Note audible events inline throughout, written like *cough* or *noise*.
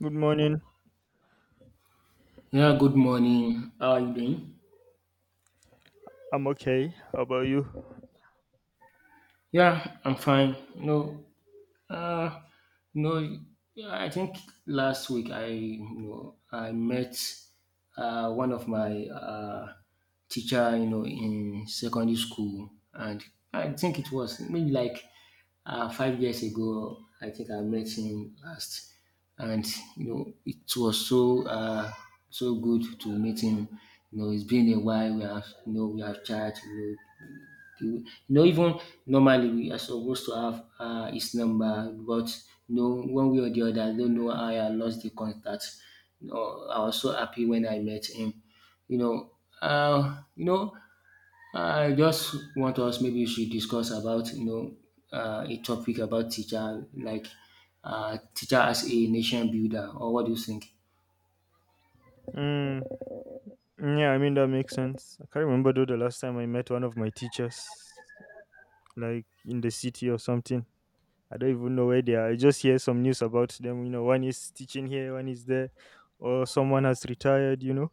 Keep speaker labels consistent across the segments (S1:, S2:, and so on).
S1: Good morning.
S2: Yeah, good morning. How are you doing?
S1: I'm okay. How about you?
S2: Yeah, I'm fine. No, uh, no. I think last week I met one of my teacher, you know, in secondary school, and I think it was maybe like 5 years ago, I think I met him last, and you know it was so good to meet him. You know, it's been a while. We have, you know, we have chat. You know, even normally we are supposed to have his number, but you know, one way or the other, I don't know how I lost the contact. You know, I was so happy when I met him. You know, you know, I just want us maybe we should discuss about, you know, a topic about teacher like, teacher as a nation builder, or what do you think?
S1: Mm, yeah, I mean that makes sense. I can't remember though the last time I met one of my teachers, like in the city or something. I don't even know where they are. I just hear some news about them. One is teaching here, one is there, or someone has retired. You know,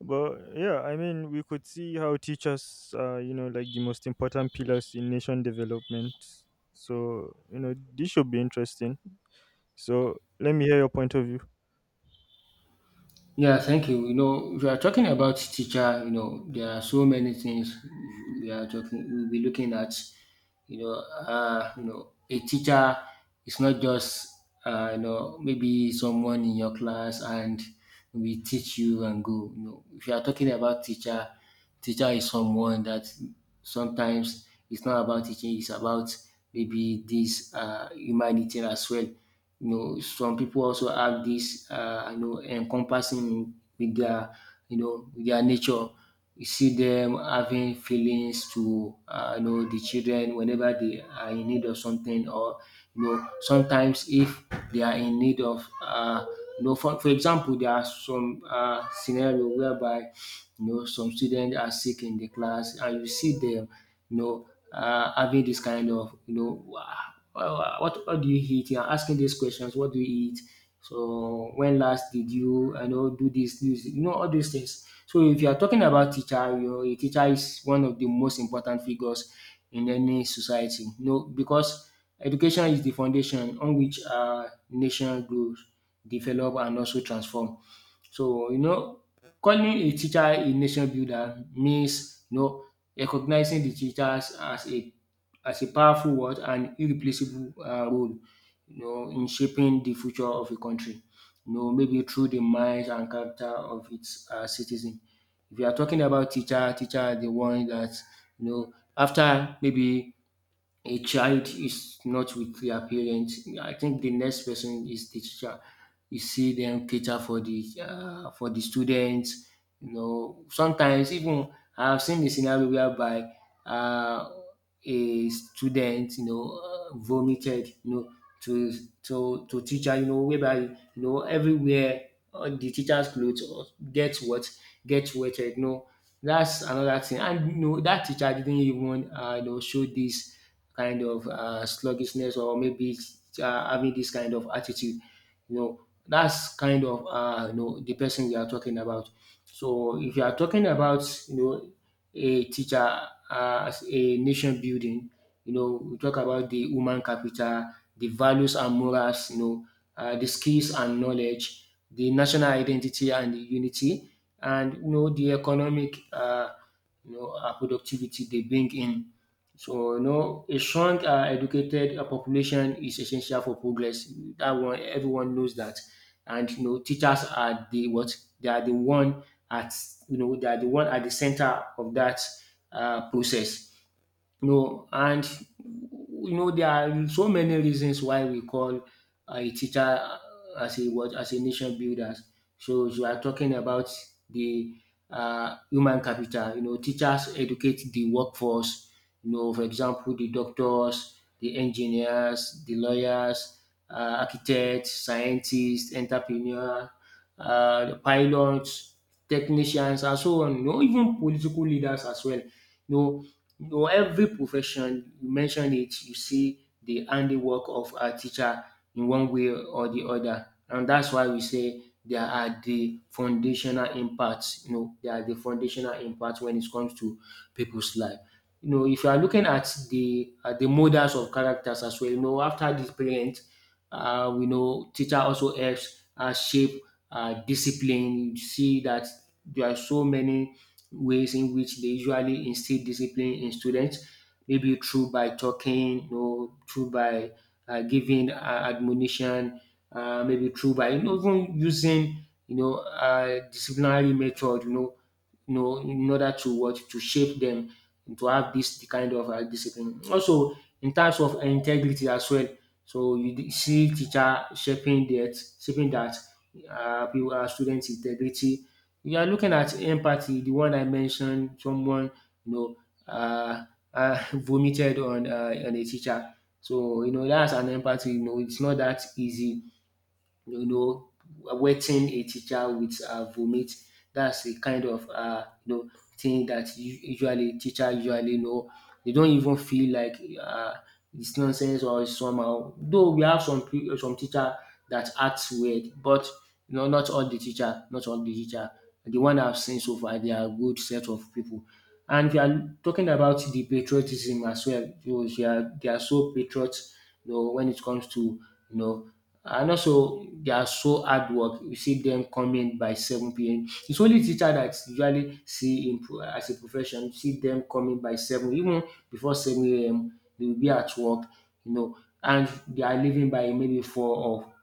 S1: but yeah, I mean we could see how teachers are, like the most important pillars in nation development. So this should be interesting. So let me hear your point of view.
S2: Yeah, thank you. You know, if you are talking about teacher, you know, there are so many things we are talking. We'll be looking at. You know, a teacher is not just, you know, maybe someone in your class and we teach you and go. You know, if you are talking about teacher, teacher is someone that sometimes it's not about teaching, it's about maybe this, humanity as well. You know, some people also have this, you know, encompassing with their, you know, with their nature. You see them having feelings to, you know, the children whenever they are in need of something, or you know, sometimes if they are in need of, you know, for example, there are some scenario whereby, you know, some students are sick in the class, and you see them, you know, having this kind of, you know, "Wah, what do you eat? You're asking these questions, what do you eat? So when last did you, I know, do this, this, you know, all these things." So if you are talking about teacher, you know, a teacher is one of the most important figures in any society, you know, because education is the foundation on which our nation grows, develop and also transform. So, you know, calling a teacher a nation builder means, you know, recognizing the teachers as a powerful what and irreplaceable role, you know, in shaping the future of a country. You know, maybe through the minds and character of its citizen. If you are talking about teacher, teacher are the one that, you know, after maybe a child is not with their parents, I think the next person is the teacher. You see them cater for the students. You know, sometimes even I've seen the scenario whereby, uh, a student, you know, vomited, you know, to to teacher, you know, whereby, you know, everywhere the teacher's clothes get what get wetted. You know, that's another thing, and you know that teacher didn't even, you know, show this kind of sluggishness or maybe having this kind of attitude. You know, that's kind of, you know, the person you are talking about. So if you are talking about, you know, a teacher as a nation building, you know, we talk about the human capital, the values and morals, you know, the skills and knowledge, the national identity and the unity, and you know the economic, productivity they bring in. So you know, a strong, educated, population is essential for progress. That one, everyone knows that, and you know, teachers are the what, they are the one at, you know, they are the one at the center of that process. No, and you know there are so many reasons why we call a teacher, as a what, as a nation builders. So you are talking about the, human capital. You know, teachers educate the workforce. You know, for example, the doctors, the engineers, the lawyers, architects, scientists, entrepreneurs, the pilots, technicians, and so on. You know, even political leaders as well. No. No. every profession you mention it, you see the handiwork of a teacher in one way or the other. And that's why we say they are the foundational impacts. You know, they are the foundational impacts when it comes to people's life. You know, if you are looking at the models of characters as well, you know, after the parent, we know teacher also helps shape discipline. You see that there are so many ways in which they usually instill discipline in students, maybe through by talking, you know, through by, giving admonition, maybe through by, you know, even using, you know, disciplinary method, you know, in order to what to shape them to have this kind of discipline. Also, in terms of integrity as well. So you see teacher shaping that, shaping that, people, students' integrity. You are looking at empathy, the one I mentioned, someone, you know, uh, *laughs* vomited on, on a teacher. So you know that's an empathy. You know, it's not that easy, you know, wetting a teacher with, vomit. That's a kind of, you know, thing that usually teacher usually know. They don't even feel like, it's nonsense or it's somehow. Though we have some teacher that acts weird, but you know, not all the teacher, not all the teacher. The one I've seen so far, they are a good set of people. And if you are talking about the patriotism as well, you know, they are so patriots, you know, when it comes to, you know, and also they are so hard work. You see them coming by 7 p.m. It's only teacher that usually see in as a profession. You see them coming by 7, even before 7 a.m. They will be at work, you know, and they are leaving by maybe 4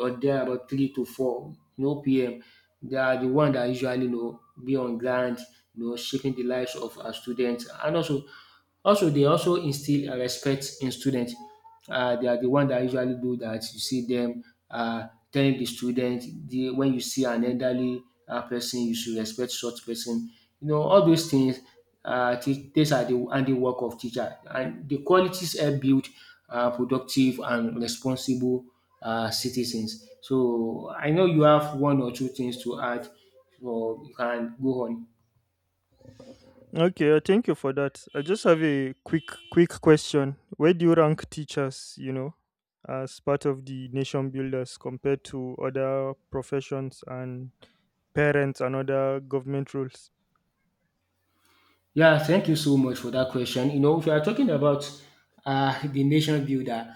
S2: or there about 3 to 4, you know, p.m. They are the one that usually, you know, be on ground, you know, shaping the lives of our students, and also they also instill respect in students. They are the one that usually do that. You see them telling the student the, when you see an elderly person, you should respect such person. You know, all those things. These are the handiwork of teacher, and the qualities help build productive and responsible citizens. So I know you have one or two things to add, so you can go on.
S1: Okay, thank you for that. I just have a quick question. Where do you rank teachers, as part of the nation builders compared to other professions and parents and other government roles?
S2: Yeah, thank you so much for that question. You know, if you are talking about, *laughs* the nation builder,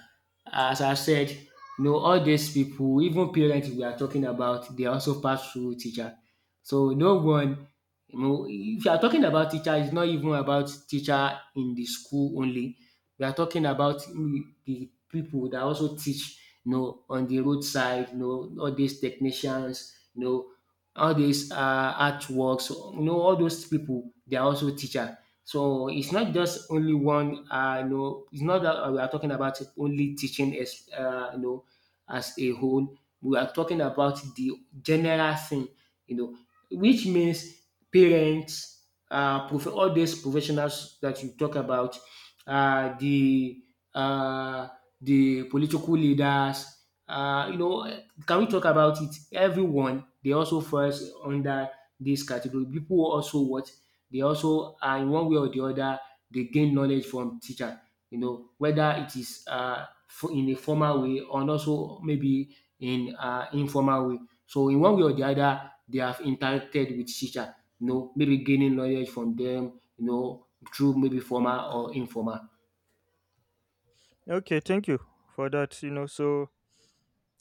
S2: as I said, you know, all these people, even parents we are talking about, they also pass through teacher. So no one, you know, if you are talking about teacher, it's not even about teacher in the school only. We are talking about, mm, the people that also teach, you know, on the roadside, you know, all these technicians, you know, all these artworks, you know, all those people, they are also teacher. So it's not just only one, um, you know, it's not dat we are talking about only teaching as, um, you know, as a whole. We are talking about the general thing, you know, which means parents, prof all these professionals that you talk about, uh, the uh, the political leaders, you know, can we talk about it? Everyone, they also falls under this category. People also what, they also are in one way or the other, they gain knowledge from teacher. You know, whether it is, in a formal way or also maybe in, informal way. So in one way or the other, they have interacted with teacher. You know, maybe gaining knowledge from them. You know, through maybe formal or informal.
S1: Okay, thank you for that.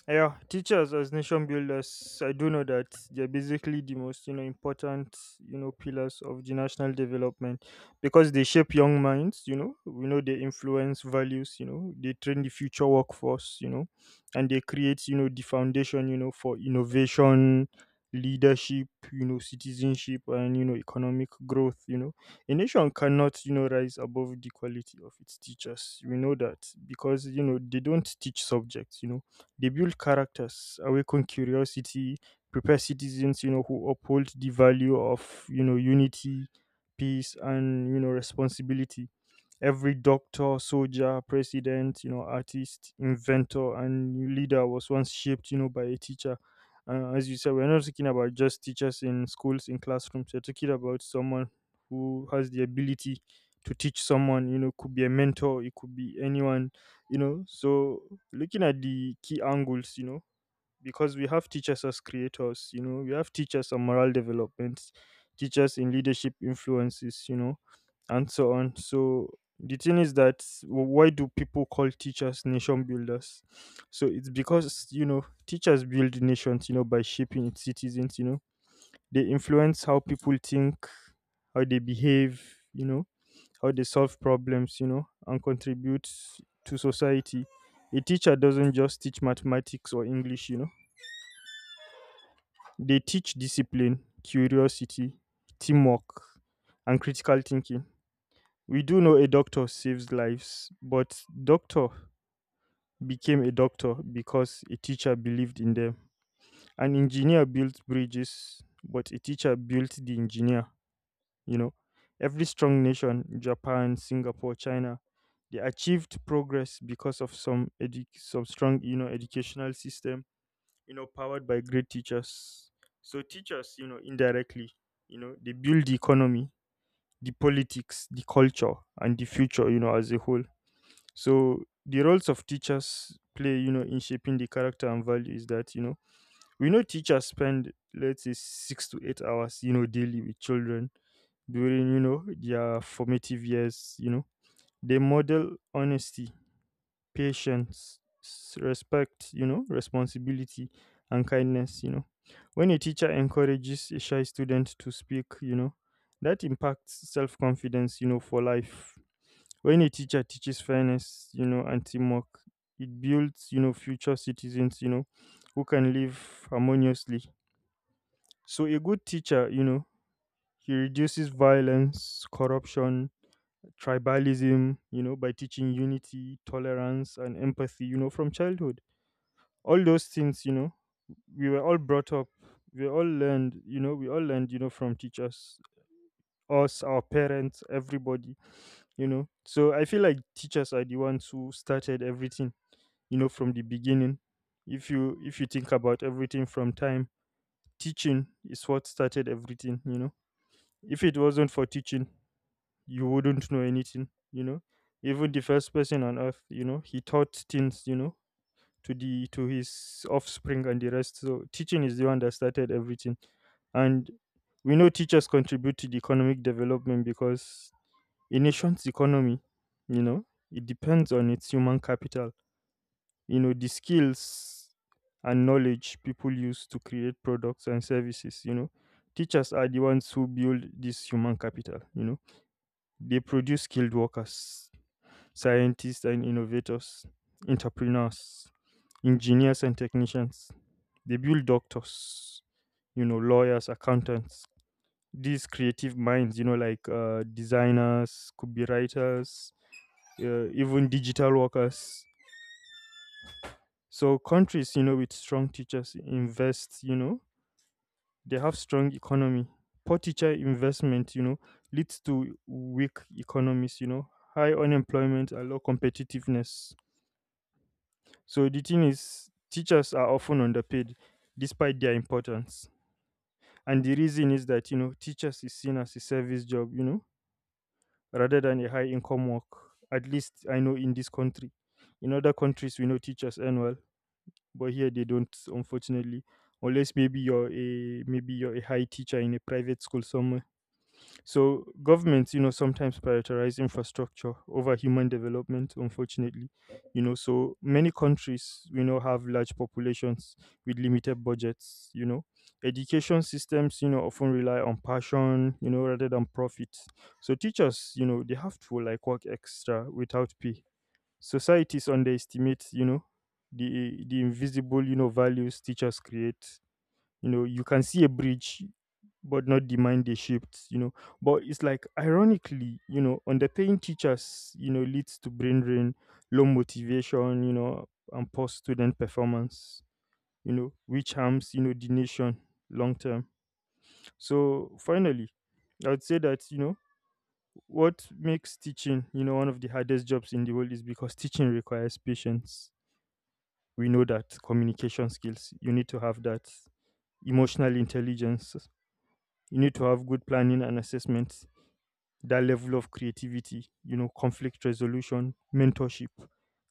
S1: Yeah, teachers as nation builders, I do know that they're basically the most important pillars of the national development because they shape young minds. We know they influence values. They train the future workforce. And they create the foundation for innovation, leadership. Citizenship and economic growth. A nation cannot rise above the quality of its teachers. We know that because they don't teach subjects. They build characters, awaken curiosity, prepare citizens who uphold the value of unity, peace, and responsibility. Every doctor, soldier, president, artist, inventor, and leader was once shaped, by a teacher. As you said, we're not talking about just teachers in schools, in classrooms. We're talking about someone who has the ability to teach someone. Could be a mentor, it could be anyone. So looking at the key angles, because we have teachers as creators, we have teachers on moral development, teachers in leadership influences, and so on. So the thing is that why do people call teachers nation builders? So it's because teachers build nations, by shaping its citizens. They influence how people think, how they behave, you know how they solve problems, and contribute to society. A teacher doesn't just teach mathematics or english. They teach discipline, curiosity, teamwork, and critical thinking. We do know a doctor saves lives, but doctor became a doctor because a teacher believed in them. An engineer built bridges, but a teacher built the engineer, you know. Every strong nation, Japan, Singapore, China, they achieved progress because of some strong, educational system, powered by great teachers. So teachers indirectly they build the economy, the politics, the culture, and the future as a whole. So the roles of teachers play in shaping the character and value is that we know teachers spend, let's say, 6 to 8 hours daily with children during their formative years. They model honesty, patience, respect, responsibility, and kindness. When a teacher encourages a shy student to speak, that impacts self confidence, for life. When a teacher teaches fairness, and teamwork, it builds, future citizens, who can live harmoniously. So a good teacher, he reduces violence, corruption, tribalism, by teaching unity, tolerance, and empathy, from childhood. All those things, we were all brought up. We all learned from teachers, us, our parents, everybody. So I feel like teachers are the ones who started everything from the beginning. If you think about everything from time, teaching is what started everything. If it wasn't for teaching, you wouldn't know anything. Even the first person on earth, he taught things to his offspring and the rest. So teaching is the one that started everything. And we know teachers contribute to the economic development because a nation's economy, you know, it depends on its human capital. The skills and knowledge people use to create products and services. Teachers are the ones who build this human capital. They produce skilled workers, scientists and innovators, entrepreneurs, engineers and technicians. They build doctors, lawyers, accountants, these creative minds, like designers, could be writers, even digital workers. So countries, with strong teachers invest, they have strong economy. Poor teacher investment, leads to weak economies, high unemployment and low competitiveness. So the thing is, teachers are often underpaid despite their importance. And the reason is that, teachers is seen as a service job, rather than a high income work. At least I know in this country. In other countries, we know teachers earn well, but here they don't, unfortunately. Unless maybe you're a high teacher in a private school somewhere. So governments, sometimes prioritize infrastructure over human development, unfortunately. So many countries, have large populations with limited budgets. Education systems, often rely on passion, rather than profit. So teachers, they have to like work extra without pay. Societies underestimate, the invisible, values teachers create. You can see a bridge but not the mind they shaped. But it's like ironically underpaying teachers leads to brain drain, low motivation, and poor student performance, which harms the nation long term. So finally I would say that what makes teaching one of the hardest jobs in the world is because teaching requires patience. We know that. Communication skills, you need to have that. Emotional intelligence, you need to have good planning and assessments. That level of creativity, conflict resolution, mentorship,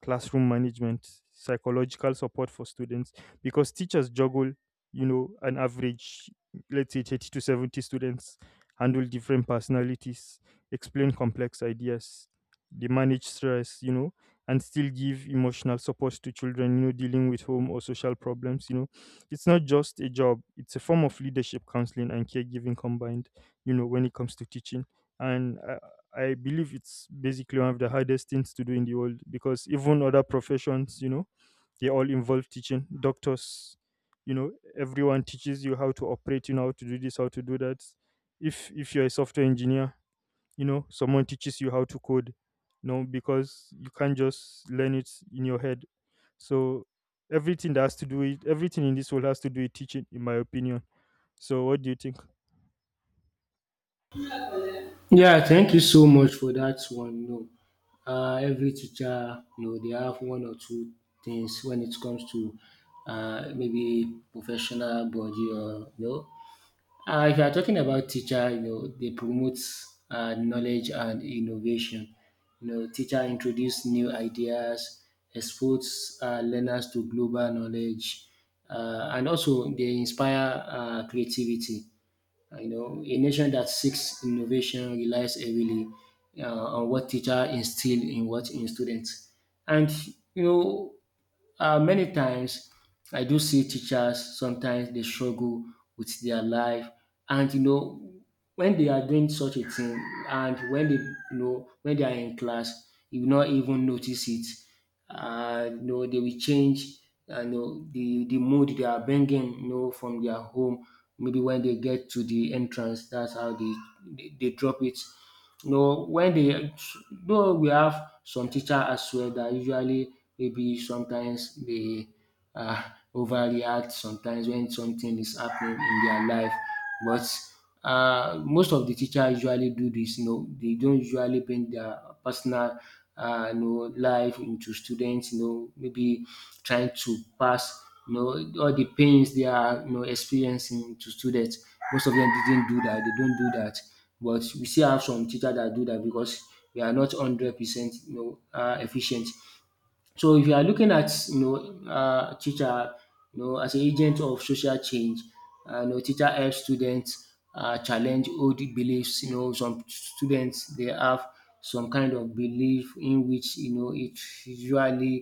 S1: classroom management, psychological support for students, because teachers juggle, an average, let's say 30 to 70 students, handle different personalities, explain complex ideas, they manage stress, and still give emotional support to children, dealing with home or social problems. It's not just a job, it's a form of leadership, counseling, and caregiving combined, when it comes to teaching. And I believe it's basically one of the hardest things to do in the world because even other professions, they all involve teaching. Doctors, you know, everyone teaches you how to operate, how to do this, how to do that. If you're a software engineer, someone teaches you how to code, because you can't just learn it in your head. So everything that has to do with everything in this world has to do with teaching, in my opinion. So what do you think?
S2: Yeah, thank you so much for that one. No, every teacher, you know, they have one or two things when it comes to, maybe professional body, or you know. If you are talking about teacher, you know, they promote knowledge and innovation. You know, teacher introduce new ideas, expose learners to global knowledge, and also they inspire creativity, you know, a nation that seeks innovation relies heavily, uh, on what teacher instill in what in students. And you know, many times I do see teachers sometimes they struggle with their life, and you know when they are doing such a thing, and when they, you know, when they are in class, you will not even notice it. You know, they will change. The mood they are bringing from their home. Maybe when they get to the entrance, that's how they drop it. You know when they Though we have some teacher as well that usually, maybe sometimes they uh, overreact sometimes when something is happening in their life. But most of the teacher usually do this. You know, they don't usually bring their personal life into students. You know, maybe trying to pass. You know, all the pains they are experiencing to students. Most of them didn't do that. They don't do that. But we still have some teachers that do that because we are not 100% efficient. So if you are looking at teacher as a agent of social change. Teacher help students challenge old beliefs. Some students they have some kind of belief in which it usually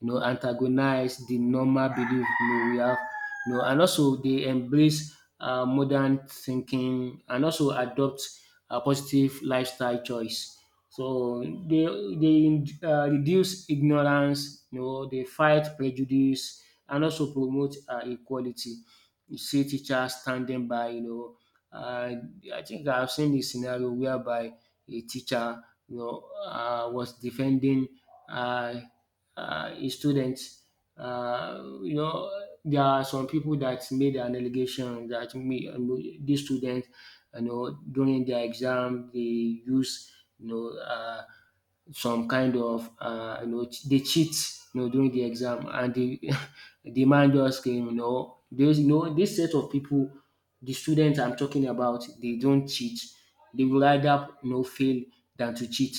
S2: antagonize the normal belief we have. And also they embrace modern thinking and also adopt a positive lifestyle choice. So they reduce ignorance. They fight prejudice and also promote equality. You see teachers standing by. And I think I've seen this scenario whereby a teacher, was defending uh, his students. Uh, you know, there are some people that made an allegation that me, these students, during their exam, they use, you know, uh, some kind of they cheat during the exam, and they *laughs* the man just came. There's this set of people, the students I'm talking about, they don't cheat. They will rather fail than to cheat.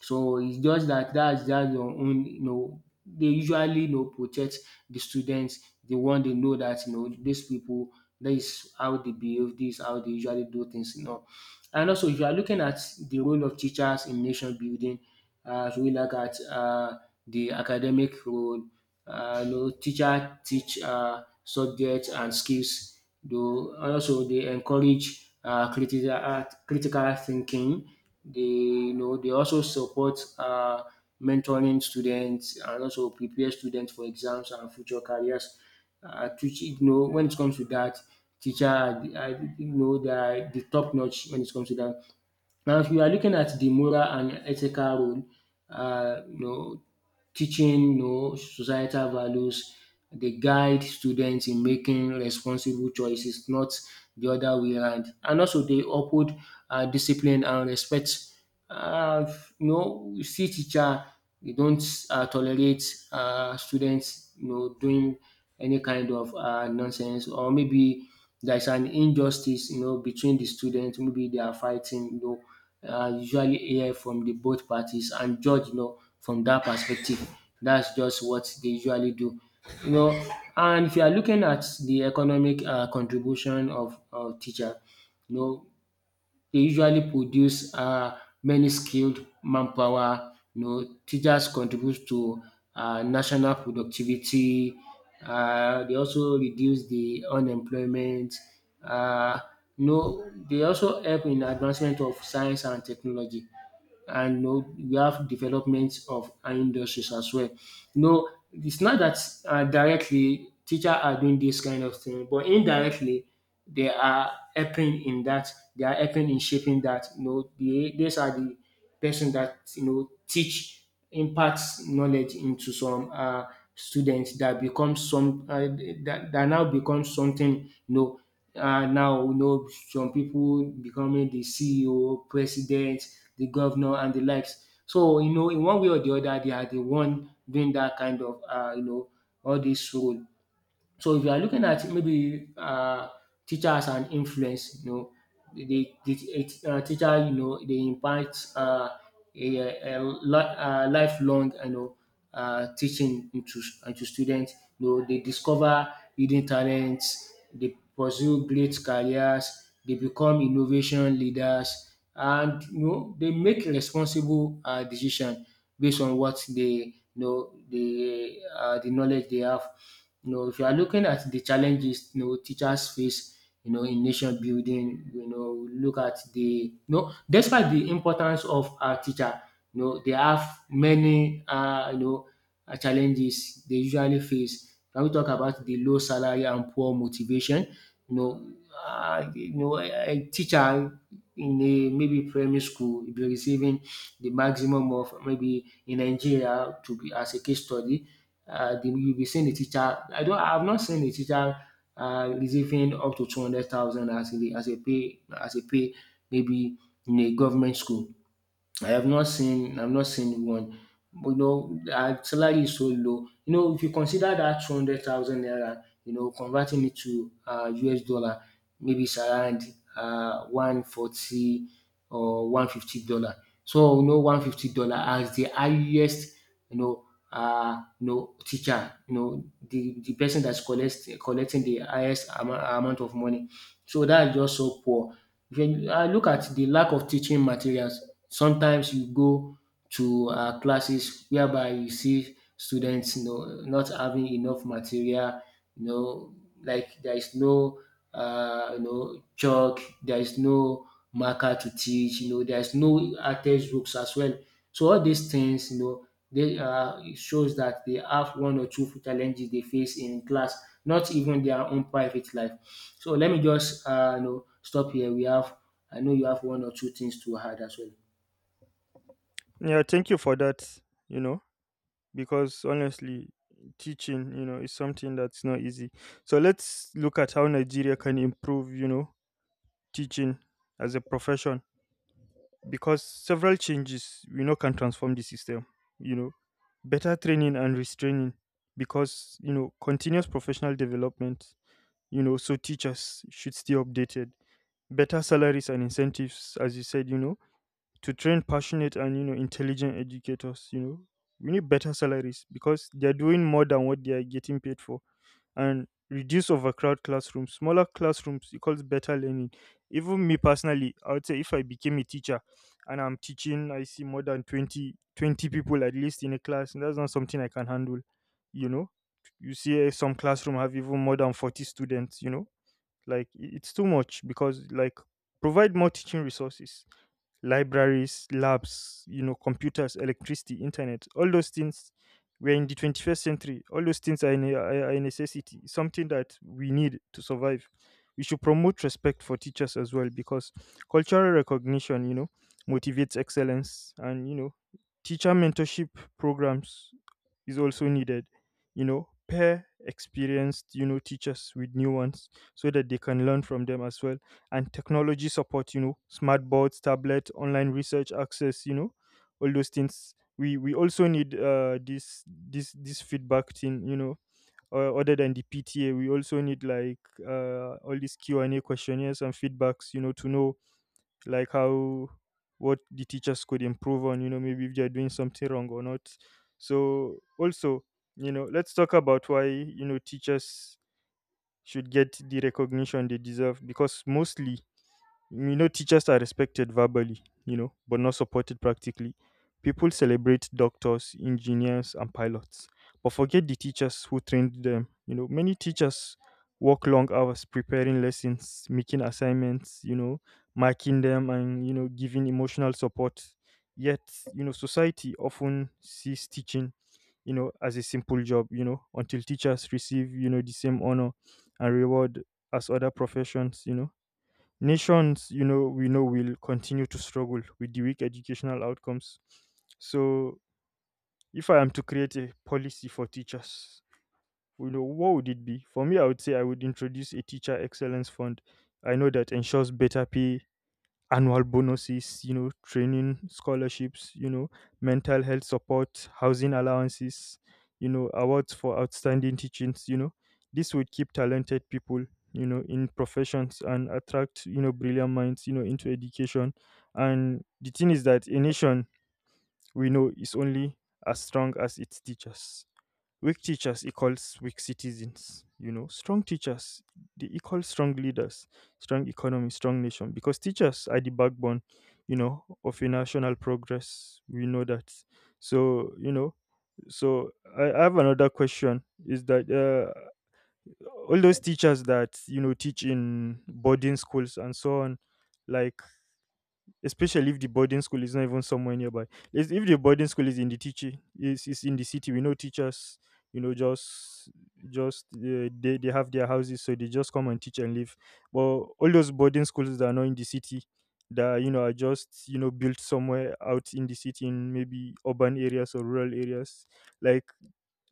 S2: So it's just that that's just your own, they usually protect the students. They want to know that these people, this is how they behave, this is how they usually do things. And also if you are looking at the role of teachers in nation building, so we look at the academic role. Teacher teach subjects and skills. Though also they encourage critical thinking. They you know they also support mentoring students and also prepare students for exams and future careers. When it comes to that, teacher, I, you know, they are the top notch when it comes to that. Now, if you are looking at the moral and ethical role, uh, you know, teaching, societal values, they guide students in making responsible choices, not the other way around. And also, they uphold discipline and respect. Uh, you see teacher, they don't tolerate students, doing any kind of nonsense. Or maybe there is an injustice, between the students. Maybe they are fighting, usually hear from the both parties and judge, from that perspective. That's just what they usually do, you know. And if you are looking at the economic contribution of teacher, you know, they usually produce many skilled manpower. You know, teachers contribute to national productivity. They also reduce the unemployment. um You know, they also help in advancement of science and technology, and we have developments of our industries as well. You know, it's not that directly teacher are doing this kind of thing, but indirectly they are helping in that. They are helping in shaping that. You know, these are the person that teach imparts knowledge into some students that becomes some that now becomes something now some people becoming the CEO, president, the governor and the likes. So in one way or the other they are the one doing that kind of all this role. So if you are looking at maybe teachers and influence, teacher, they invite a, lifelong, teaching into students. You know, they discover hidden talents, they pursue great careers, they become innovation leaders, and they make responsible decision based on what they the knowledge they have. You know, if you are looking at the challenges teachers face, in nation building, look at the despite the importance of our teacher, they have many challenges they usually face. Can we talk about the low salary and poor motivation? You know, a teacher in a maybe primary school will be receiving the maximum of maybe in Nigeria to be as a case study. You'll be seeing a teacher. I don't. I've not seen a teacher receiving up to 200,000 as a pay maybe in a government school. I've not seen one. But our salary is so low. You know, if you consider that 200,000 naira, converting it to US dollar, maybe it's around $140 or $150. So $150 as the highest, you know, teacher, the person that's collecting the highest amount of money. So that's just so poor. If you look at the lack of teaching materials. Sometimes you go to classes whereby you see students not having enough material. you know there is no chalk, there is no marker to teach. There is no textbooks as well. So all these things they it shows that they have one or two challenges they face in class, not even their own private life. So let me just stop here. We have I know you have one or two things to add as well.
S1: Yeah, thank you for that. Because honestly teaching is something that's not easy. So let's look at how Nigeria can improve teaching as a profession because several changes we know can transform the system. you know Better training and restraining, because continuous professional development, so teachers should stay updated. Better salaries and incentives, as you said, to train passionate and intelligent educators. We need better salaries because they're doing more than what they are getting paid for. And reduce overcrowd classrooms. Smaller classrooms equals better learning. Even me personally, I would say if I became a teacher and I'm teaching, I see more than twenty people at least in a class, and that's not something I can handle. you know you see some classroom have even more than 40 students, like it's too much, because like provide more teaching resources: libraries, labs, computers, electricity, internet, all those things. We're in the 21st century. All those things are, ne- are a necessity, something that we need to survive. We should promote respect for teachers as well because cultural recognition, motivates excellence and, teacher mentorship programs is also needed. Pair experienced, teachers with new ones so that they can learn from them as well. And technology support, smart boards, tablet, online research access, all those things. We also need this feedback thing. Other than the PTA, we also need like all these Q&A questionnaires and feedbacks, to know like how, what the teachers could improve on, maybe if they're doing something wrong or not. So also, let's talk about why, teachers should get the recognition they deserve because mostly teachers are respected verbally, but not supported practically. People celebrate doctors, engineers, and pilots, but forget the teachers who trained them. Many teachers work long hours preparing lessons, making assignments, marking them, and, giving emotional support. Yet, society often sees teaching, as a simple job, until teachers receive, the same honor and reward as other professions. Nations, we know will continue to struggle with the weak educational outcomes. So, if I am to create a policy for teachers, what would it be? For me, I would say I would introduce a teacher excellence fund. I know that ensures better pay, annual bonuses, training scholarships, mental health support, housing allowances, awards for outstanding teachings. This would keep talented people, in professions and attract, brilliant minds, into education. And the thing is that a nation we know is only as strong as its teachers. Weak teachers equals weak citizens. Strong teachers they equal strong leaders, strong economy, strong nation. Because teachers are the backbone, of a national progress. We know that. So you know, so, I have another question. Is that all those teachers that you know teach in boarding schools and so on, like especially if the boarding school is not even somewhere nearby. If the boarding school is in the teacher is in the city, we know teachers, you know, just just they have their houses, so they just come and teach and leave. But all those boarding schools that are not in the city, that are just built somewhere out in the city, in maybe urban areas or rural areas, like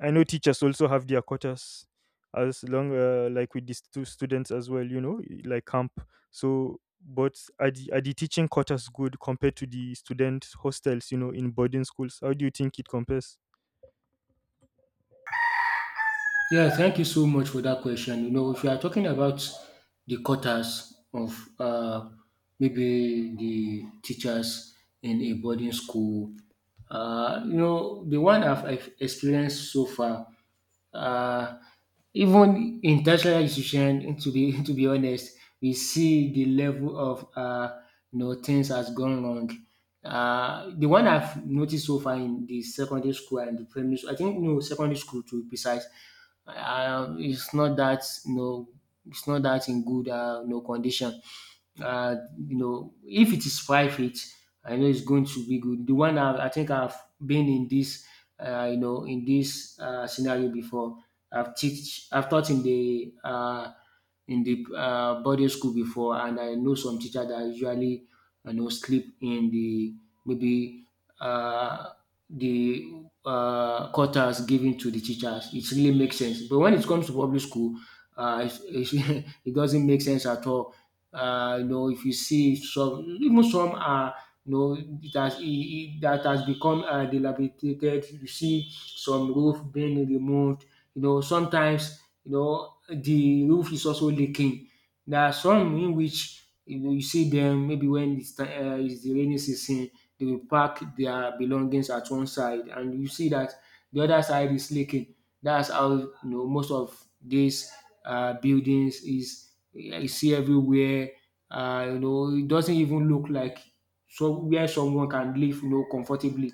S1: I know teachers also have their quotas as long like with these two students as well, like camp. So, but are the teaching quotas good compared to the student hostels, in boarding schools? How do you think it compares?
S2: Yeah, thank you so much for that question. You know, if you are talking about the quotas of maybe the teachers in a boarding school, the one I've experienced so far, uh, even in tertiary institution, to be *laughs* to be honest, we see the level of things has gone wrong. The one I've noticed so far in the secondary school and the primary school, I think no secondary school to be precise, it's not that in good no condition. Uh, if it is private, I know it's going to be good. The one I think I've been in this, you know, in this scenario before. I've taught in the boarding school before, and I know some teacher that usually sleep in the maybe uh, the quarters given to the teachers. It really makes sense. But when it comes to public school, uh, it's, *laughs* it doesn't make sense at all. If you see some, even some are, it has, it, that has become dilapidated. You see some roof being removed. You know, sometimes, the roof is also leaking. There are some in which you see them maybe when it's the rainy season, they will pack their belongings at one side, and you see that the other side is leaking. That's how most of these buildings is I see everywhere. It doesn't even look like so where someone can live, comfortably.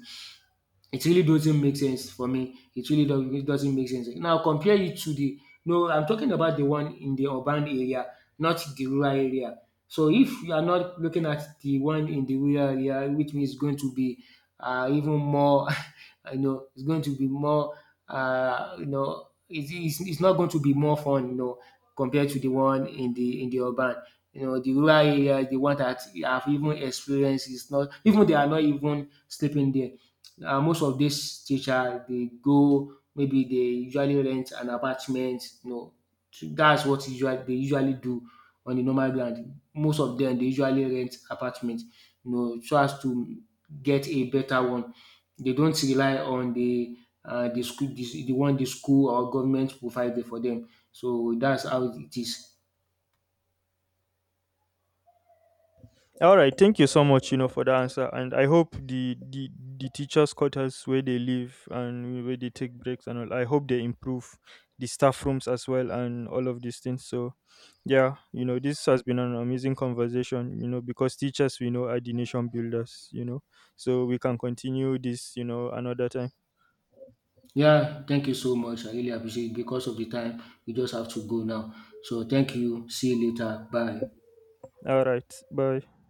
S2: It really doesn't make sense for me. It really it doesn't make sense. Now compare it to the no, I'm talking about the one in the urban area, not the rural area. So if you are not looking at the one in the rural area, which means going to be even more *laughs* it's going to be more it's not going to be more fun compared to the one in the urban the rural area. The one that I've even experienced is not even, they are not even sleeping there. Most of these teacher they go, maybe they usually rent an apartment that's what usually they usually do. On the normal ground, most of them they usually rent apartment so as to get a better one. They don't rely on the school or government provided for them. So that's how it is.
S1: All right, thank you so much, for the answer, and I hope the teachers' quarters where they live and where they take breaks and all. I hope they improve the staff rooms as well and all of these things. So, yeah, this has been an amazing conversation, because teachers we know are the nation builders, so we can continue this, another time.
S2: Yeah, thank you so much. I really appreciate it. Because of the time, we just have to go now. So thank you. See you later. Bye.
S1: All right, bye.